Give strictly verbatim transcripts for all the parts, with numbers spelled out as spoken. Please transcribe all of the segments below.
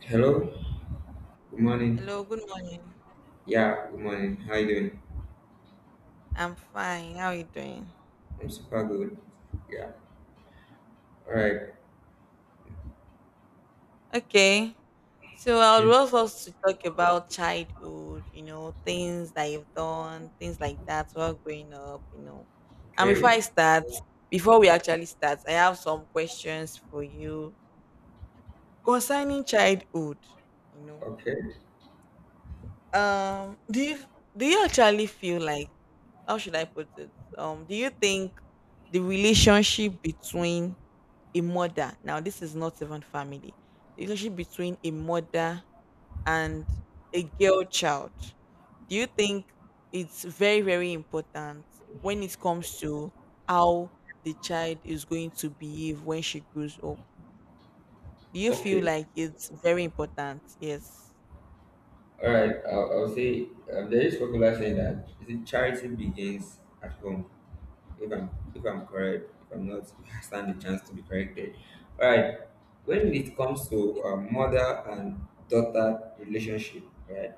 Hello, good morning. Hello, good morning. Yeah, good morning. How you doing? I'm fine. How are you doing? I'm super good. Yeah. All right. Okay. So I would Okay. love us to talk about childhood, you know, things that you've done, things like that while growing up, you know. And before Okay. I start, before we actually start, I have some questions for you concerning childhood, you know. Okay. Um, do you do you actually feel like how should I put it? Um, do you think the relationship between a mother. Now, this is not even family. The relationship between a mother and a girl child. Do you think it's very, very important when it comes to how the child is going to behave when she grows up? Do you feel Okay. like it's very important? Yes. All right. I'll, I'll say um, there is popular saying, that is it, charity begins at home. If I'm if I'm correct, if I'm not, I stand the chance to be corrected. All right. When it comes to um, mother and daughter relationship, right?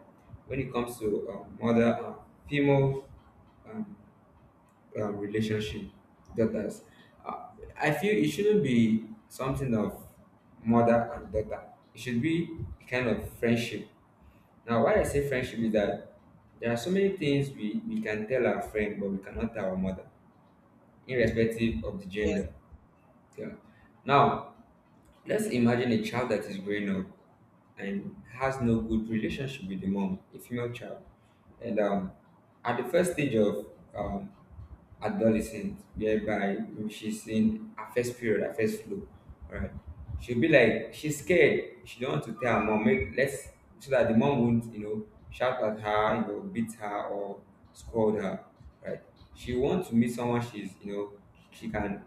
When it comes to um, mother and female, um, um, relationship, daughters, uh, I feel it shouldn't be something of mother and daughter. It should be a kind of friendship. Now why I say friendship is that there are so many things we, we can tell our friend but we cannot tell our mother, irrespective of the Yes. gender, yeah. Now let's imagine a child that is growing up and has no good relationship with the mom, a female child, and um, at the first stage of um, adolescent, whereby when she's in her first period, her first flow. Alright. She'll be like she's scared. She don't want to tell her mom, make let's, so that the mom won't, you know, shout at her, you know, beat her or scold her. Right. She wants to meet someone she's, you know, she can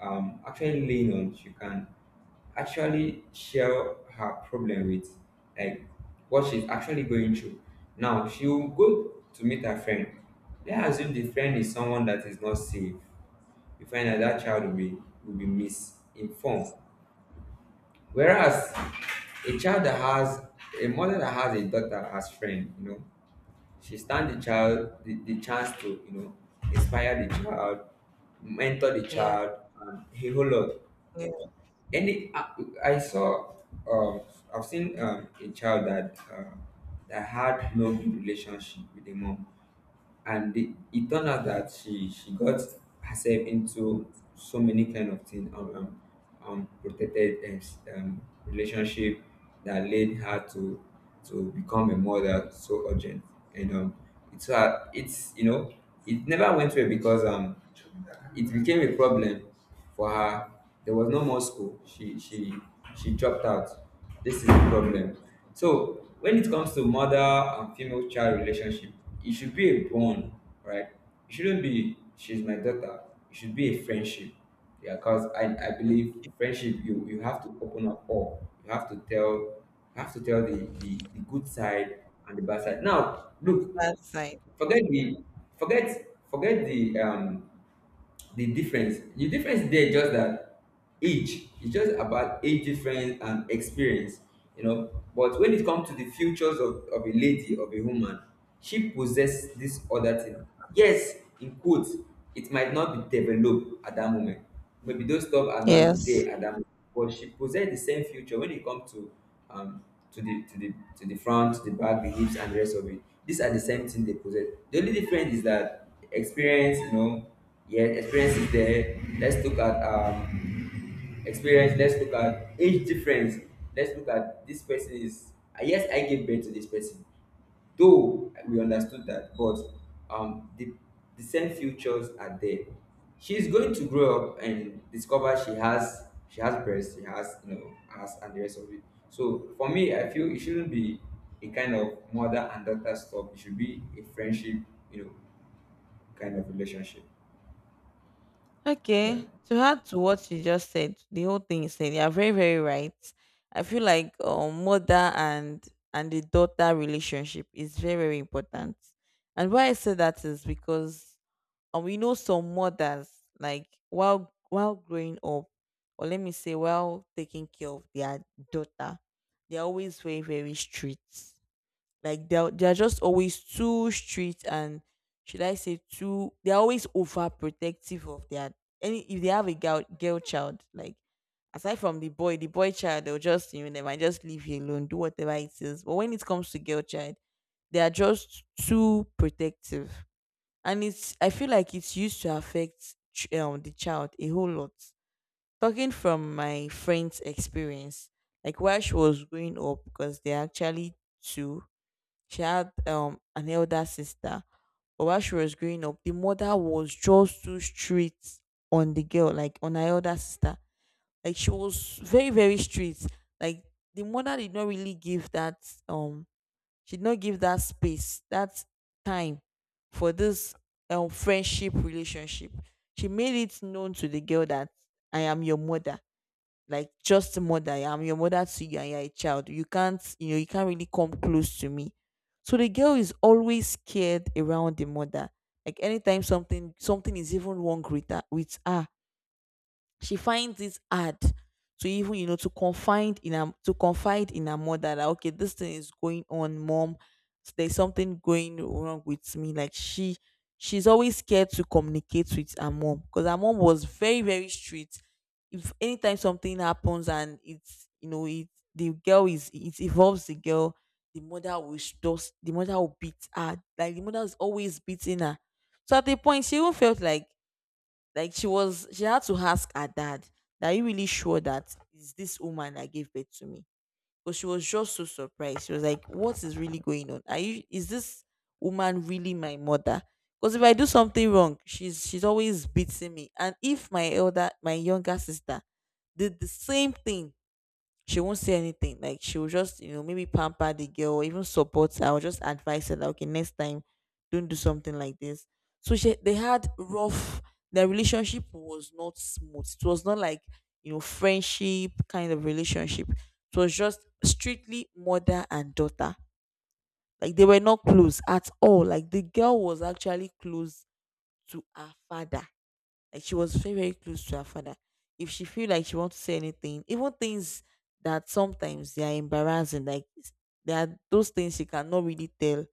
um actually lean on, she can actually share her problem with, like, what she's actually going through. Now she will go to meet her friend. Let's assume the friend is someone that is not safe. You find that that child will be will be misinformed. Whereas a child that has a mother that has a daughter as friend, you know, she stand the child, the, the chance to you know inspire the child, mentor the Yes. child, and a whole lot. Yes. And it, I, I saw, um, I've seen um, a child that uh, that had no good relationship with the mom, and it, it turned out that she she got herself into so many kind of things, um, um, um, protected um, s- um, relationship that led her to to become a mother so urgent, and um, it's uh, it's you know it never went well, because um it became a problem for her. There was no more school. She she she dropped out. This is the problem. So when it comes to mother and female child relationship, it should be a bond, right? It shouldn't be she's my daughter. It should be a friendship. Yeah, because I, I Okay. believe friendship, you, you have to open up all. You have to tell you have to tell the, the, the good side and the bad side. Now And look, the bad side. forget the forget forget the um the difference the difference there is just that age. It's just about age difference and experience, you know, but when it comes to the futures of, of a lady, of a woman, she possess this other thing, yes, in quotes. It might not be developed at that moment. Maybe those stuff are not Yes. there at that moment, but she possessed the same future when it comes to um to the to the to the front, the back, the hips, and the rest of it. These are the same thing they possess. The only difference is that experience, you know, yeah, experience is there. Let's look at um experience. Let's look at age difference. Let's look at this person is uh, yes, I gave birth to this person, though we understood that, but um the the same futures are there. She's going to grow up and discover she has she has breasts, she has you know ass and the rest of it. So for me, I feel it shouldn't be a kind of mother and daughter stuff. It should be a friendship, you know, kind of relationship, yeah. Okay. To add to what you just said, the whole thing you said, you're very, very right. I feel like um, mother and and the daughter relationship is very, very important. And why I say that is because um, we know some mothers like while while growing up, or let me say while taking care of their daughter, they're always very, very strict. Like they're they're just always too strict and should I say too they're always overprotective of their any if they have a girl girl child, like aside from the boy, the boy child they'll just, you know, they might just leave you alone, do whatever it is. But when it comes to girl child, they are just too protective and it's I feel like it's used to affect ch- um, the child a whole lot, talking from my friend's experience like while she was growing up, because they're actually two. She had um an elder sister, but while she was growing up, the mother was just too strict on the girl, like on her elder sister. Like she was very very strict. Like the mother did not really give that um she did not give that space that time for this um friendship relationship. She made it known to the girl that I am your mother, like just a mother. I'm your mother to you and you're a child. You can't, you know, you can't really come close to me. So the girl is always scared around the mother. Like anytime something something is even wrong with her, with her she finds it hard to even, you know, to confide in her to confide in her mother that okay this thing is going on, mom, there's something going wrong with me. Like she she's always scared to communicate with her mom because her mom was very very strict. If anytime something happens and it's, you know, it the girl is it involves the girl, the mother will sh- just the mother will beat her. Like the mother is always beating her. So at a point she even felt like like she was, she had to ask her dad, "Are you really sure that is this woman that gave birth to me?" Because she was just so surprised. She was like, "What is really going on? Are you? Is this woman really my mother? Because if I do something wrong, she's she's always beating me. And if my elder, my younger sister, did the same thing she won't say anything." Like she will just, you know, maybe pamper the girl or even support her or just advise her that okay, next time don't do something like this. So she they had rough their relationship was not smooth. It was not like, you know, friendship kind of relationship. It was just strictly mother and daughter. Like they were not close at all. Like the girl was actually close to her father, like she was very, very close to her father. If she feel like she wants to say anything, even things that sometimes they are embarrassing, like s- there are those things she cannot really tell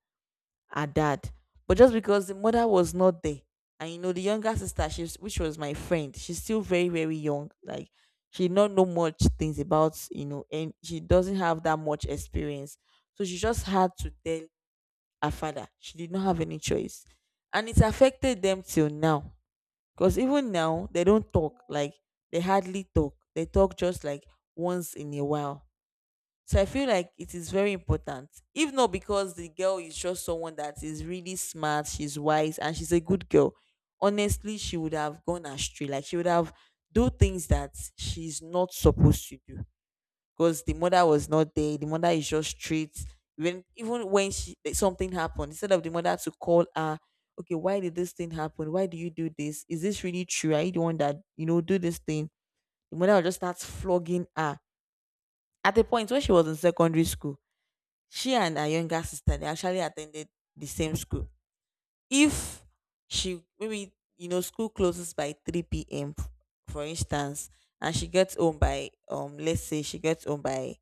her dad. But just because the mother was not there, and you know the younger sister, she's which was my friend, she's still very, very young. Like she not know much things about, you know, and she doesn't have that much experience. So she just had to tell her father. She did not have any choice. And it affected them till now because even now, they don't talk. Like, they hardly talk. They talk just like once in a while. So I feel like it is very important. If not because the girl is just someone that is really smart, she's wise, and she's a good girl, honestly, she would have gone astray. Like, she would have do things that she's not supposed to do because the mother was not there. The mother is just straight. When even when she like, something happened, instead of the mother to call her, okay, why did this thing happen? Why do you do this? Is this really true? Are you the one that, you know, do this thing? The mother will just start flogging her. At the point when she was in secondary school, she and her younger sister they actually attended the same school. If she, maybe, you know, school closes by three p m for instance, and she gets home by um let's say she gets home by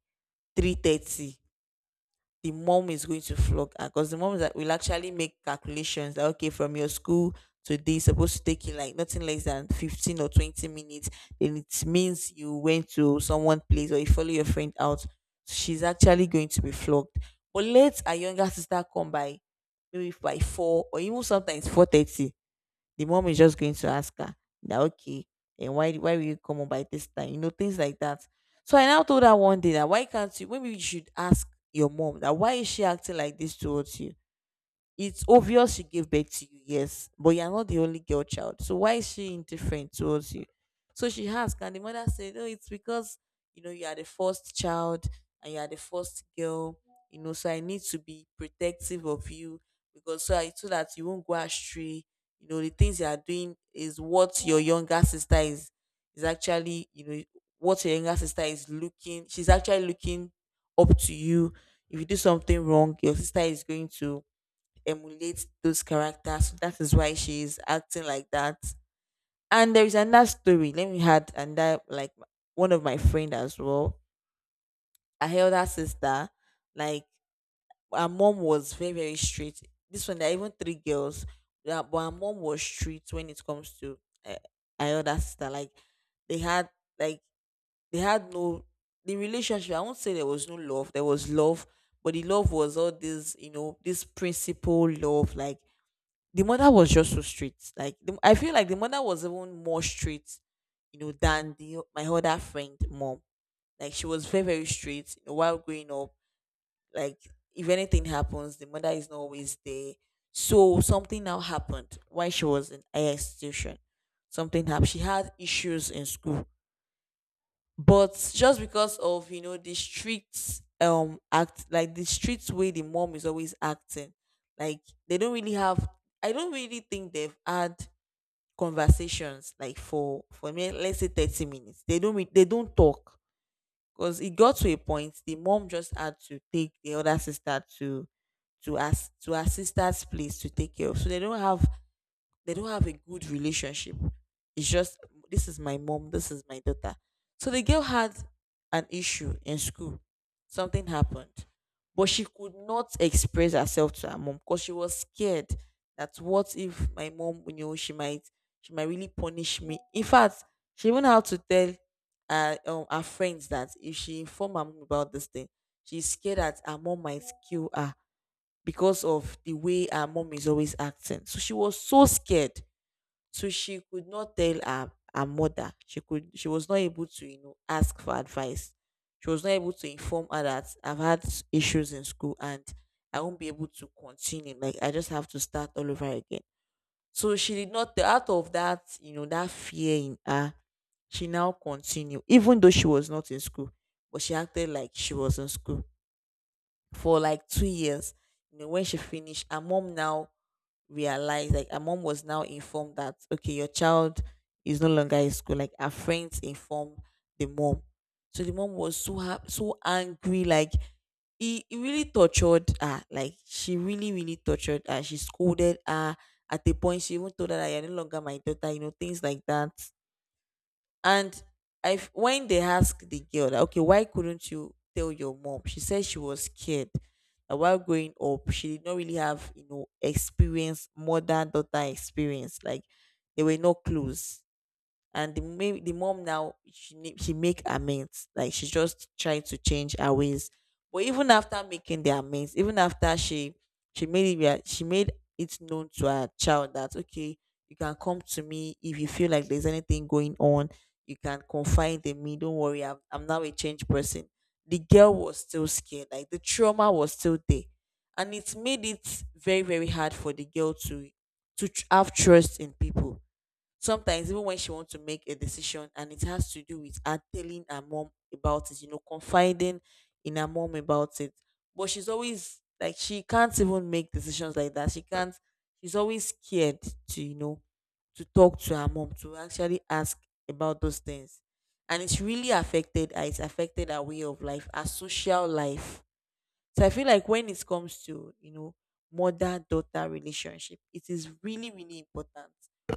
three thirty, the mom is going to flog her because the mom that will actually make calculations that okay, from your school to this supposed to take you like nothing less than fifteen or twenty minutes, then it means you went to someone place or you follow your friend out. So she's actually going to be flogged, but let her younger sister come by maybe by four or even sometimes four thirty, the mom is just going to ask her that okay, and why why will you come home by this time? You know, things like that. So I now told her one day that why can't you maybe you should ask your mom that why is she acting like this towards you? It's obvious she gave birth to you, yes, but you're not the only girl child. So why is she indifferent towards you? So she asked, and the mother said, "No, it's because you know you are the first child and you are the first girl, you know, so I need to be protective of you, because so, I, so that you won't go astray. You know, the things you are doing is what your younger sister is is actually, you know, what your younger sister is looking, she's actually looking up to you. If you do something wrong, your sister is going to emulate those characters." So that is why she's acting like that. And there is another story. Let me had and that like one of my friend as well. I held her sister. Like her mom was very, very strict. This one, there are even three girls. Yeah, but her mom was strict when it comes to uh, her elder sister. Like they had like they had no the relationship. I won't say there was no love. There was love, but the love was all this, you know, this principle love, like the mother was just so straight. Like the, I feel like the mother was even more straight, you know, than the my other friend mom. Like she was very very straight. You know, while growing up, like if anything happens, the mother is not always there. So something now happened while she was in higher institution. Something happened. She had issues in school, but just because of, you know, the strict um act, like the strict way the mom is always acting, like they don't really have I don't really think they've had conversations like for for me let's say thirty minutes they don't meet they don't talk, because it got to a point the mom just had to take the other sister to to as to her sister's place to take care of, so they don't have they don't have a good relationship. It's just this is my mom, this is my daughter. So the girl had an issue in school. Something happened. But she could not express herself to her mom because she was scared that what if my mom, you know, she might she might really punish me. In fact, she even had to tell uh, um, her friends that if she inform her mom about this thing, she's scared that her mom might kill her because of the way her mom is always acting. So she was so scared. So she could not tell her, her mother. She could she was not able to, you know, ask for advice. She was not able to inform her that I've had s- issues in school and I won't be able to continue. Like I just have to start all over again. So she did not tell- out of that, you know, that fear in her, she now continued, even though she was not in school, but she acted like she was in school for like two years. You know, when she finished, her mom now realized, like her mom was now informed that okay, your child is no longer in school. Like her friends informed the mom. So the mom was so ha- so angry, like he, he really tortured her. Like she really, really tortured her. She scolded her. At the point, she even told her that you're no longer my daughter, you know, things like that. And I f- when they asked the girl, that, okay, why couldn't you tell your mom? She said she was scared. That while growing up, she did not really have, you know, experience, mother daughter experience. Like they were not close, and the ma- the mom now she ne- she make amends, like she just trying to change her ways. But even after making the amends, even after she she made it rea- she made it known to her child that okay, you can come to me if you feel like there's anything going on. You can confide in me, don't worry, i'm, I'm now a changed person. The girl was still scared, like the trauma was still there, and it made it very, very hard for the girl to to tr- have trust in people. Sometimes even when she wants to make a decision, and it has to do with her telling her mom about it, you know, confiding in her mom about it. But she's always like she can't even make decisions like that. She can't, she's always scared to, you know, to talk to her mom, to actually ask about those things. And it's really affected her. It's affected her way of life, her social life. So I feel like when it comes to, you know, mother daughter relationship, it is really, really important.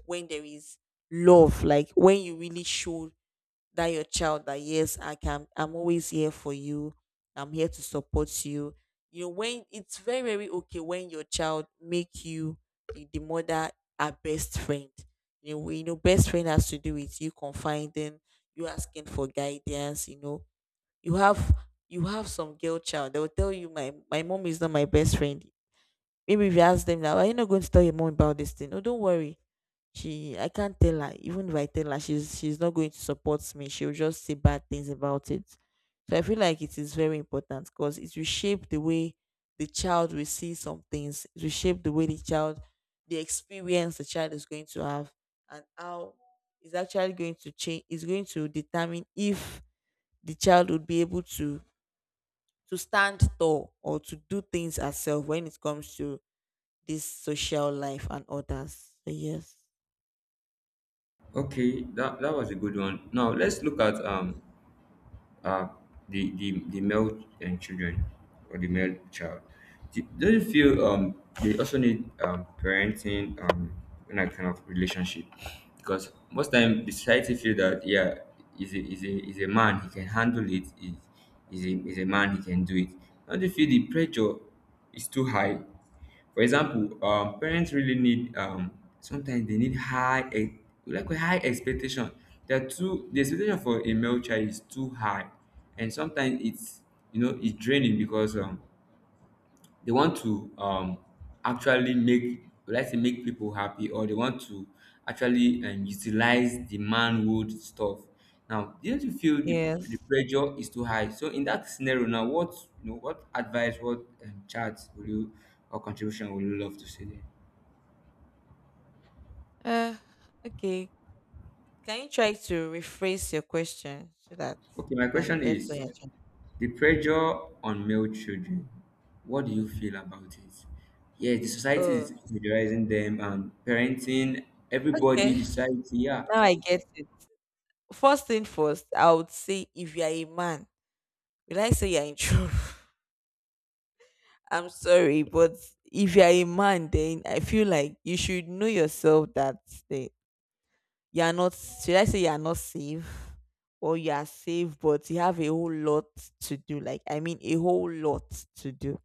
When there is love, like when you really show that your child that yes, I can, I'm always here for you. I'm here to support you. You know, when it's very, very okay when your child make you the, the mother a best friend. You know, we know best friend has to do with you confiding, you asking for guidance, you know, you have you have some girl child, they will tell you my my mom is not my best friend. Maybe if you ask them now, are you not going to tell your mom about this thing? Oh, don't worry, she I can't tell her. Even if I tell her, she's she's not going to support me, she'll just say bad things about it. So I feel like it is very important, because it will shape the way the child will see some things. It will shape the way the child, the experience the child is going to have, and how is actually going to change, is going to determine if the child would be able to to stand tall or to do things herself when it comes to this social life and others. So yes. Okay, that, that was a good one. Now let's look at um uh, the, the the male and children, or the male child. Do, do you feel um they also need um parenting um in that kind of relationship? Because most time the society feel that yeah, is a is a is a man, he can handle it. Is is a is a man, he can do it. Don't you feel the pressure is too high? For example, um, parents really need, um, sometimes they need high ex- like a high expectation. They're too, the expectation for a male child is too high, and sometimes it's you know it's draining, because um, they want to um actually make, would I say, make people happy, or they want to actually um, utilize the manhood stuff. Now, don't you feel the, the Yes. pressure is too high? So in that scenario now, what you know, what advice, what um, charts would you, or contribution, would you love to see there? Uh, okay. Can you try to rephrase your question so that Okay, my I can question get what is you're trying? the pressure on male children. What do you feel about it? Yeah, the society Oh, is pressurizing them, and parenting, everybody, okay. the society, yeah. Now I get it. First thing first, I would say if you are a man, will I say you're in trouble? I'm sorry, but if you are a man, then I feel like you should know yourself that eh, you are not, should I say, you are not safe, or you are safe but you have a whole lot to do. Like I mean a whole lot to do.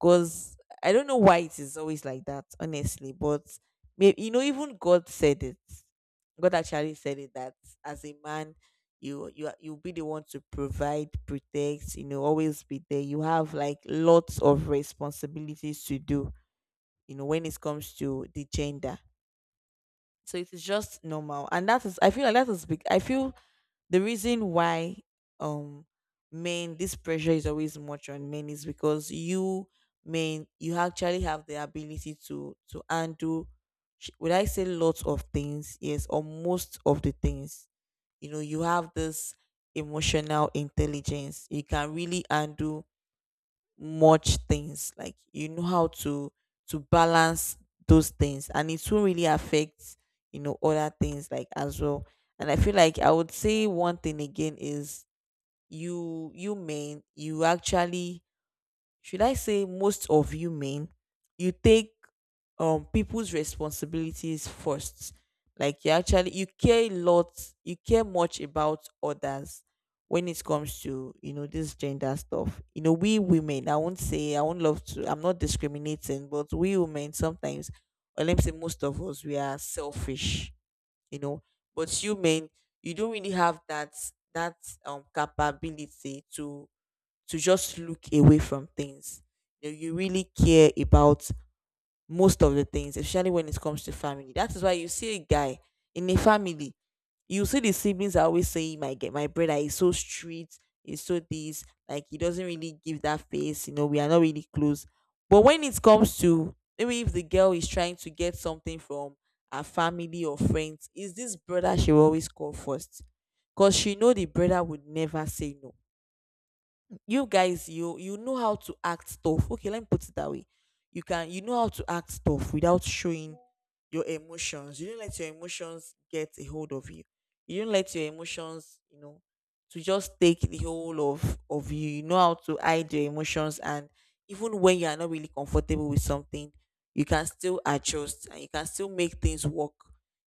Cause I don't know why it is always like that, honestly. But maybe you know, even God said it. God actually said it that as a man you you are- you'll be the one to provide, protect, you know, always be there. You have like lots of responsibilities to do, you know, when it comes to the gender. So it is just normal, and that is, I feel like that is big, I feel the reason why um men, this pressure is always much on men, is because you men, you actually have the ability to to handle, sh- would I say lots of things, yes, or most of the things. You know, you have this emotional intelligence, you can really handle much things, like you know how to to balance those things, and it will really affect, you know, other things like as well. And I feel like I would say one thing again is you you men, you actually, should I say, most of you men, you take um people's responsibilities first. Like you actually you care a lot, you care much about others when it comes to, you know, this gender stuff. You know, we women, I won't say I won't love to, I'm not discriminating, but we women, sometimes or let me say most of us, we are selfish, you know. But you men, you don't really have that that um capability to to just look away from things. You know, you really care about most of the things, especially when it comes to family. That is why you see a guy in a family, you see the siblings are always saying, "My ge- my brother is so strict, is so this, like he doesn't really give that face. You know, we are not really close." But when it comes to maybe if the girl is trying to get something from her family or friends, is this brother she will always call first? Because she know the brother would never say no. You guys you, you know how to act tough. Okay, let me put it that way. You can, you know how to act tough without showing your emotions. You don't let your emotions get a hold of you. You don't let your emotions, you know, to just take the whole of of you. You know how to hide your emotions, and even when you are not really comfortable with something, you can still adjust, and you can still make things work.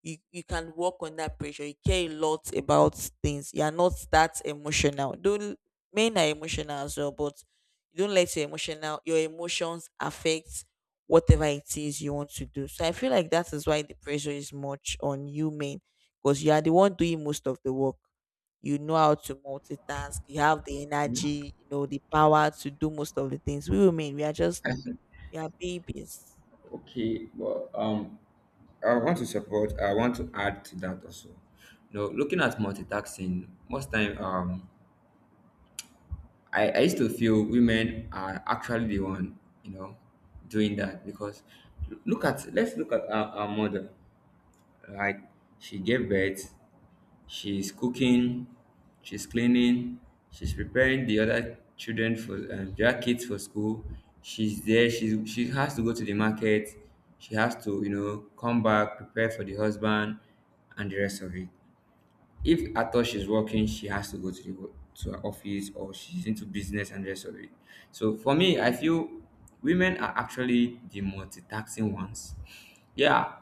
you You can work on that pressure. You care a lot about things. You are not that emotional. Don't Men are emotional as well, but you don't let your emotional, your emotions affect whatever it is you want to do. So I feel like that is why the pressure is much on you men, because you are the one doing most of the work. You know how to multitask. You have the energy, you know, the power to do most of the things. We women, we are just we are babies. Okay, well, um, I want to support. I want to add to that also. No, looking at multitasking, most time, um, I, I used to feel women are actually the one, you know, doing that because look at let's look at our, our mother. Like, she gave birth, she's cooking, she's cleaning, she's preparing the other children for um, the other kids for school. She's there. She she has to go to the market. She has to you know come back, prepare for the husband, and the rest of it. If at all she's working, she has to go to the wo- to her office, or she's into business and the rest of it. So for me, I feel women are actually the multitasking ones. Yeah,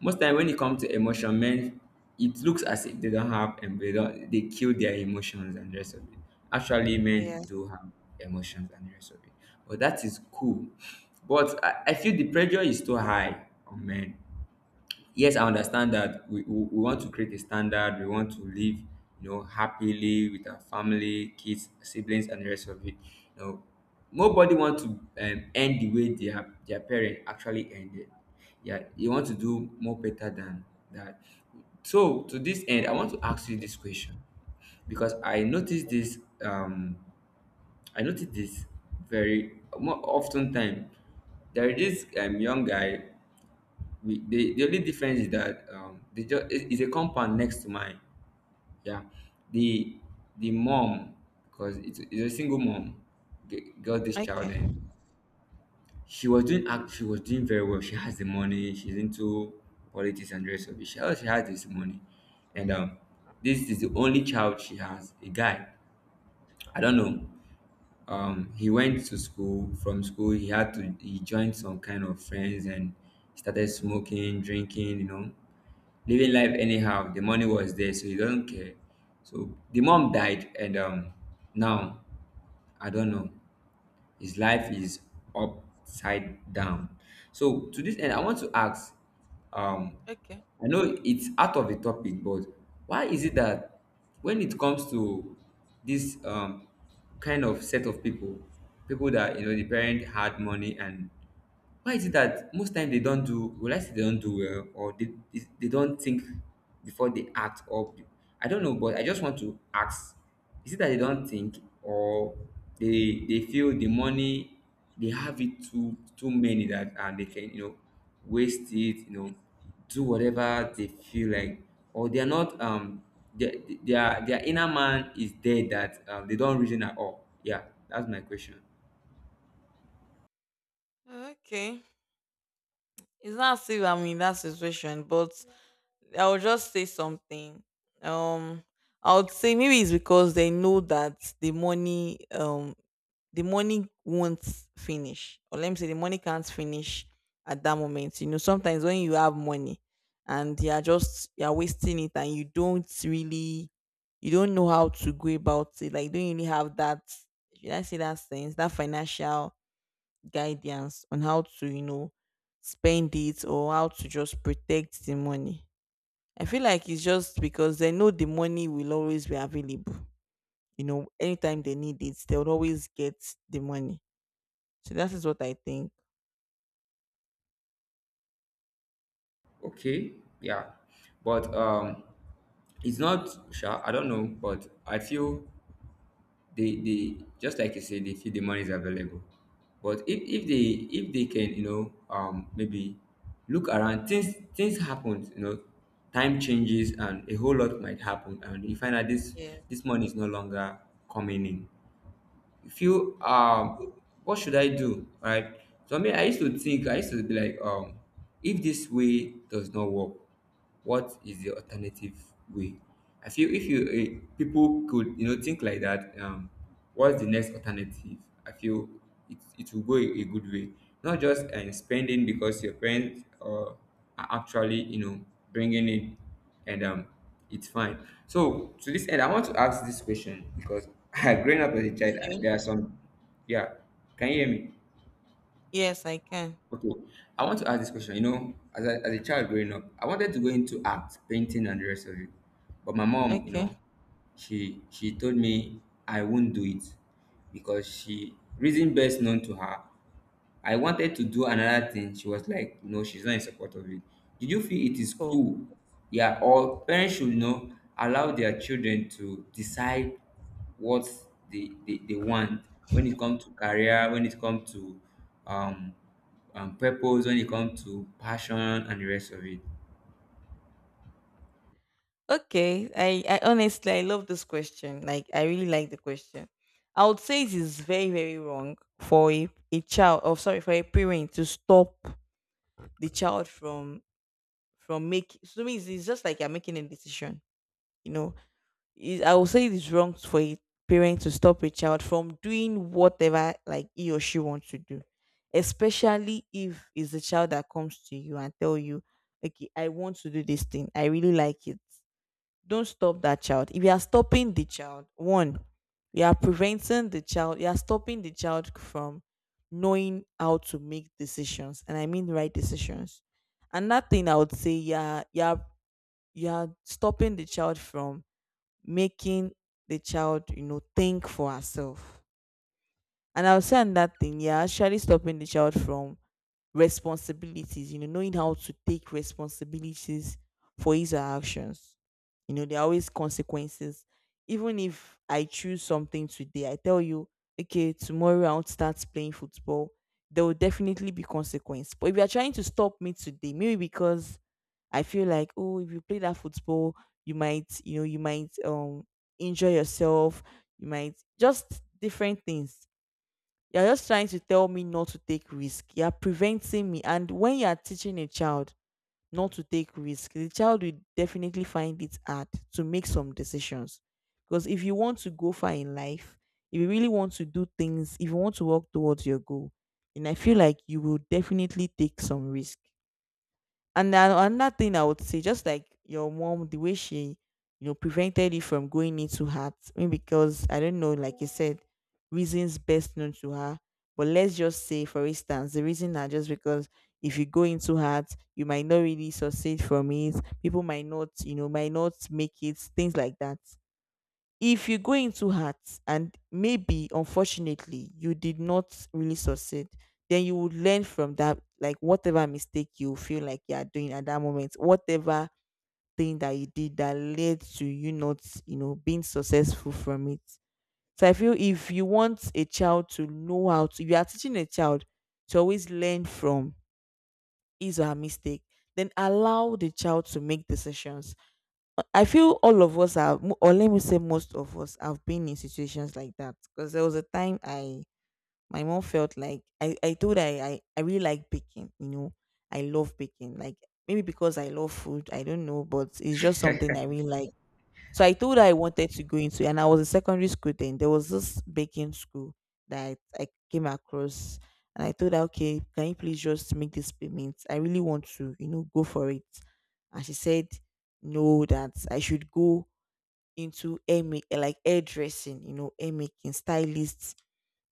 most time when it comes to emotion, men, it looks as if they don't have, and they don't they kill their emotions and the rest of it. Actually, men Yeah. do have emotions and the rest of it, but that is cool. But I, I feel the pressure is too high on men. Yes, I understand that we, we, we want to create a standard. We want to live you know happily with our family, kids, siblings, and the rest of it. You know, nobody want to um, end the way their their parent actually ended, yeah. You want to do more better than that. So to this end, I want to ask you this question, because i noticed this um I noticed this very more often time. There is this um, young guy, we the, the only difference is that um they just, it, it's a compound next to mine, yeah. The the mom, because it's, it's a single mom, g- got this child, Okay. and she was doing act she was doing very well. She has the money, she's into politics and the rest of it. She, she has this money, and um this is the only child she has, a guy. I don't know, um he went to school. From school, he had to he joined some kind of friends and started smoking, drinking, you know, living life anyhow. The money was there, so he does not care. So the mom died, and um now, I don't know, his life is upside down. So to this end, I want to ask, um, I know it's out of the topic, but why is it that when it comes to this um, kind of set of people, people that you know the parent had money, and why is it that most times they don't do, will I say they don't do well, or they, they, they don't think before they act? Or be- I don't know, but I just want to ask, is it that they don't think, or they they feel the money, they have it too too many, that, and they can, you know, waste it, you know, do whatever they feel like, or they are not um their their their inner man is there, that um, they don't reason at all. Yeah, that's my question. Okay. It's not as if I'm in that situation, but I would just say something. Um, I would say maybe it's because they know that the money, um, the money won't finish, or let me say the money can't finish at that moment. You know, sometimes when you have money and you are just you are wasting it, and you don't really, you don't know how to go about it. Like, you don't really have that. Should I say that sense, that financial guidance on how to, you know, spend it or how to just protect the money. I feel like it's just because they know the money will always be available. You know, anytime they need it, they'll always get the money. So that is what I think. Okay, yeah, but um it's not sure, I don't know, but I feel they they just, like you said, they feel the money is available. But if, if they if they can, you know, um maybe look around, things things happen, you know, time changes, and a whole lot might happen, and you find that this Yes. this money is no longer coming in. Feel, um what should I do? Right. So I mean, I used to think I used to be like, um if this way does not work, what is the alternative way? I feel if you uh, people could you know think like that, um, what's the next alternative? I feel it, it will go a, a good way. Not just uh, spending because your parents uh, are actually you know bringing it, and um it's fine. So to this end, I want to ask this question, because growing up as a child, I- Okay. there are some. Yeah, can you hear me? Yes, I can. Okay, I want to ask this question. You know, as a, as a child growing up, I wanted to go into art, painting, and the rest of it. But my mom, you Okay. know, she she told me I won't do it because she reason best known to her. I wanted to do another thing. She was like, no, she's not in support of it. Did you feel it is Cool. cool? Yeah, or parents should you know allow their children to decide what they, they, they want when it comes to career, when it comes to um um purpose, when it comes to passion and the rest of it. Okay. I, I honestly I love this question. Like I really like the question. I would say it is very, very wrong for a, a child, or sorry, for a parent to stop the child from from making, so means it's just like you're making a decision, you know, is I will say it is wrong for a parent to stop a child from doing whatever like he or she wants to do, especially if it's the child that comes to you and tell you, "Okay, I want to do this thing. I really like it." Don't stop that child. If you are stopping the child, one, you are preventing the child. You are stopping the child from knowing how to make decisions, and I mean right decisions. Another thing I would say, yeah, yeah, you are you are- you are stopping the child from making the child, you know, think for herself. And I'll say that thing, you're actually stopping the child from responsibilities, you know, knowing how to take responsibilities for his or her actions. You know, there are always consequences. Even if I choose something today, I tell you, okay, tomorrow I'll start playing football. There will definitely be consequence. But if you are trying to stop me today, maybe because I feel like, oh, if you play that football, you might, you know, you might um injure yourself, you might just different things, you're just trying to tell me not to take risk. You're preventing me. And when you're teaching a child not to take risk, the child will definitely find it hard to make some decisions. Because if you want to go far in life, if you really want to do things, if you want to work towards your goal, then I feel like you will definitely take some risk. And then another thing I would say, just like your mom, the way she, you know, prevented it from going into heart, maybe because I don't know, like you said, reasons best known to her. But let's just say, for instance, the reason are just because if you go into heart, you might not really succeed from it. People might not, you know, might not make it, things like that. If you go into heart and maybe unfortunately you did not really succeed, then you would learn from that like whatever mistake you feel like you are doing at that moment, whatever thing that you did that led to you not, you know, being successful from it. So I feel if you want a child to know how to if you are teaching a child to always learn from his or her mistake, then allow the child to make decisions. I feel all of us have, mo- or let me say, most of us have been in situations like that. Because there was a time I, my mom felt like I, I told her I, I, I really like baking. You know, I love baking. Like maybe because I love food, I don't know, but it's just something I really like. So I told her I wanted to go into, and I was in secondary school then. There was this baking school that I came across, and I told her, okay, can you please just make this payment? I really want to, you know, go for it. And she said, no, that I should go into air, ma- like hairdressing, you know, hair making, stylists,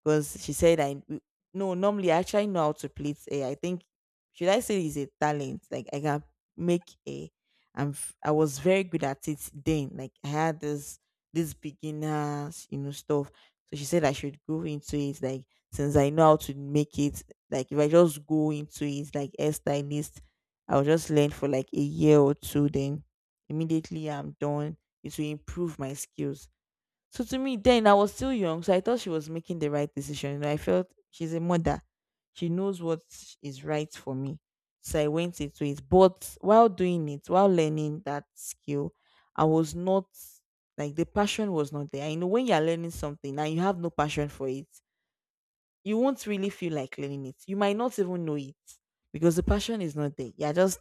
because she said I n- no normally I actually know how to plait hair. I think should I say it's a talent? Like I can make a I'm f- I was very good at it then. Like I had this this beginners, you know, stuff. So she said I should go into it, like since I know how to make it. Like if I just go into it like hairstylist, I'll just learn for like a year or two. Then immediately I'm done. It will improve my skills. So to me, then I was still young, so I thought she was making the right decision. You know, I felt she's a mother; she knows what is right for me. So I went into it. But while doing it, while learning that skill, I was not, like the passion was not there. I know when you're learning something and you have no passion for it, you won't really feel like learning it. You might not even know it because the passion is not there. You're just,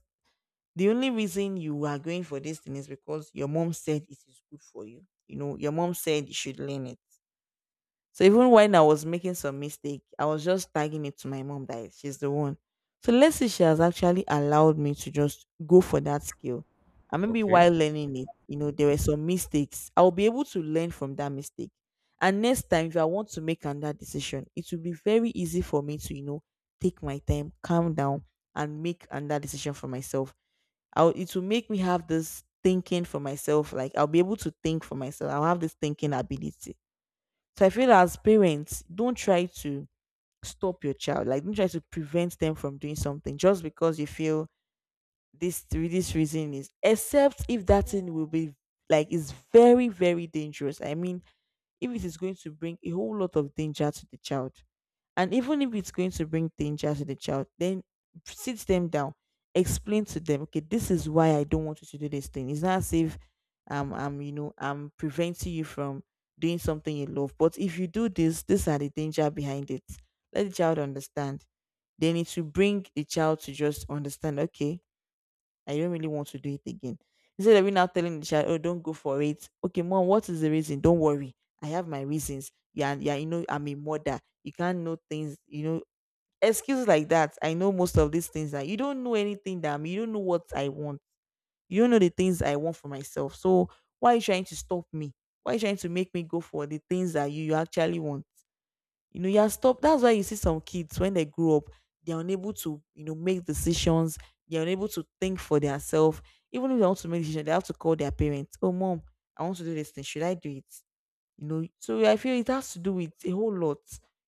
the only reason you are going for this thing is because your mom said it is good for you. You know, your mom said you should learn it, so even when I was making some mistake, I was just tagging it to my mom that she's the one. So let's say she has actually allowed me to just go for that skill. And maybe while Okay. learning it, you know, there were some mistakes. I'll be able to learn from that mistake. And next time, if I want to make another decision, it will be very easy for me to, you know, take my time, calm down, and make another decision for myself. I'll, it will make me have this thinking for myself. Like I'll be able to think for myself. I'll have this thinking ability. So I feel, as parents, don't try to stop your child. Like don't try to prevent them from doing something just because you feel this this reason is, except if that thing will be like is very very dangerous. I mean, if it is going to bring a whole lot of danger to the child. And even if it's going to bring danger to the child, then sit them down, explain to them, okay, this is why I don't want you to do this thing. It's not as if um I'm, you know, I'm preventing you from doing something you love. But if you do this, these are the danger behind it. Let the child understand. Then it will bring the child to just understand, okay, I don't really want to do it again. Instead of you now telling the child, oh, don't go for it. Okay, mom, what is the reason? Don't worry. I have my reasons. Yeah, yeah, you know, I'm a mother. You can't know things, you know, excuses like that. I know most of these things that you don't know anything that I'm, you don't know what I want. You don't know the things I want for myself. So why are you trying to stop me? Why are you trying to make me go for the things that you, you actually want? You know, you are stopped. That's why you see some kids when they grow up, they're unable to, you know, make decisions. They're unable to think for themselves. Even if they want to make decisions, they have to call their parents. Oh, mom, I want to do this thing. Should I do it? You know, so I feel it has to do with a whole lot.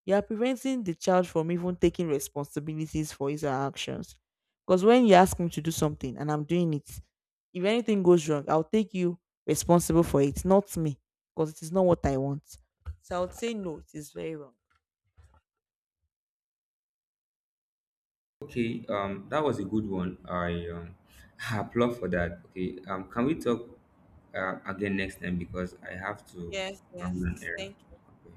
You are preventing the child from even taking responsibilities for his or her actions. Because when you ask me to do something and I'm doing it, if anything goes wrong, I'll take you responsible for it, not me, because it is not what I want. So I would say no, it is very wrong. Okay, um that was a good one. I um applaud for that. Okay, um can we talk, uh, again next time? Because I have to Yes, run an yes. errand. Thank Okay.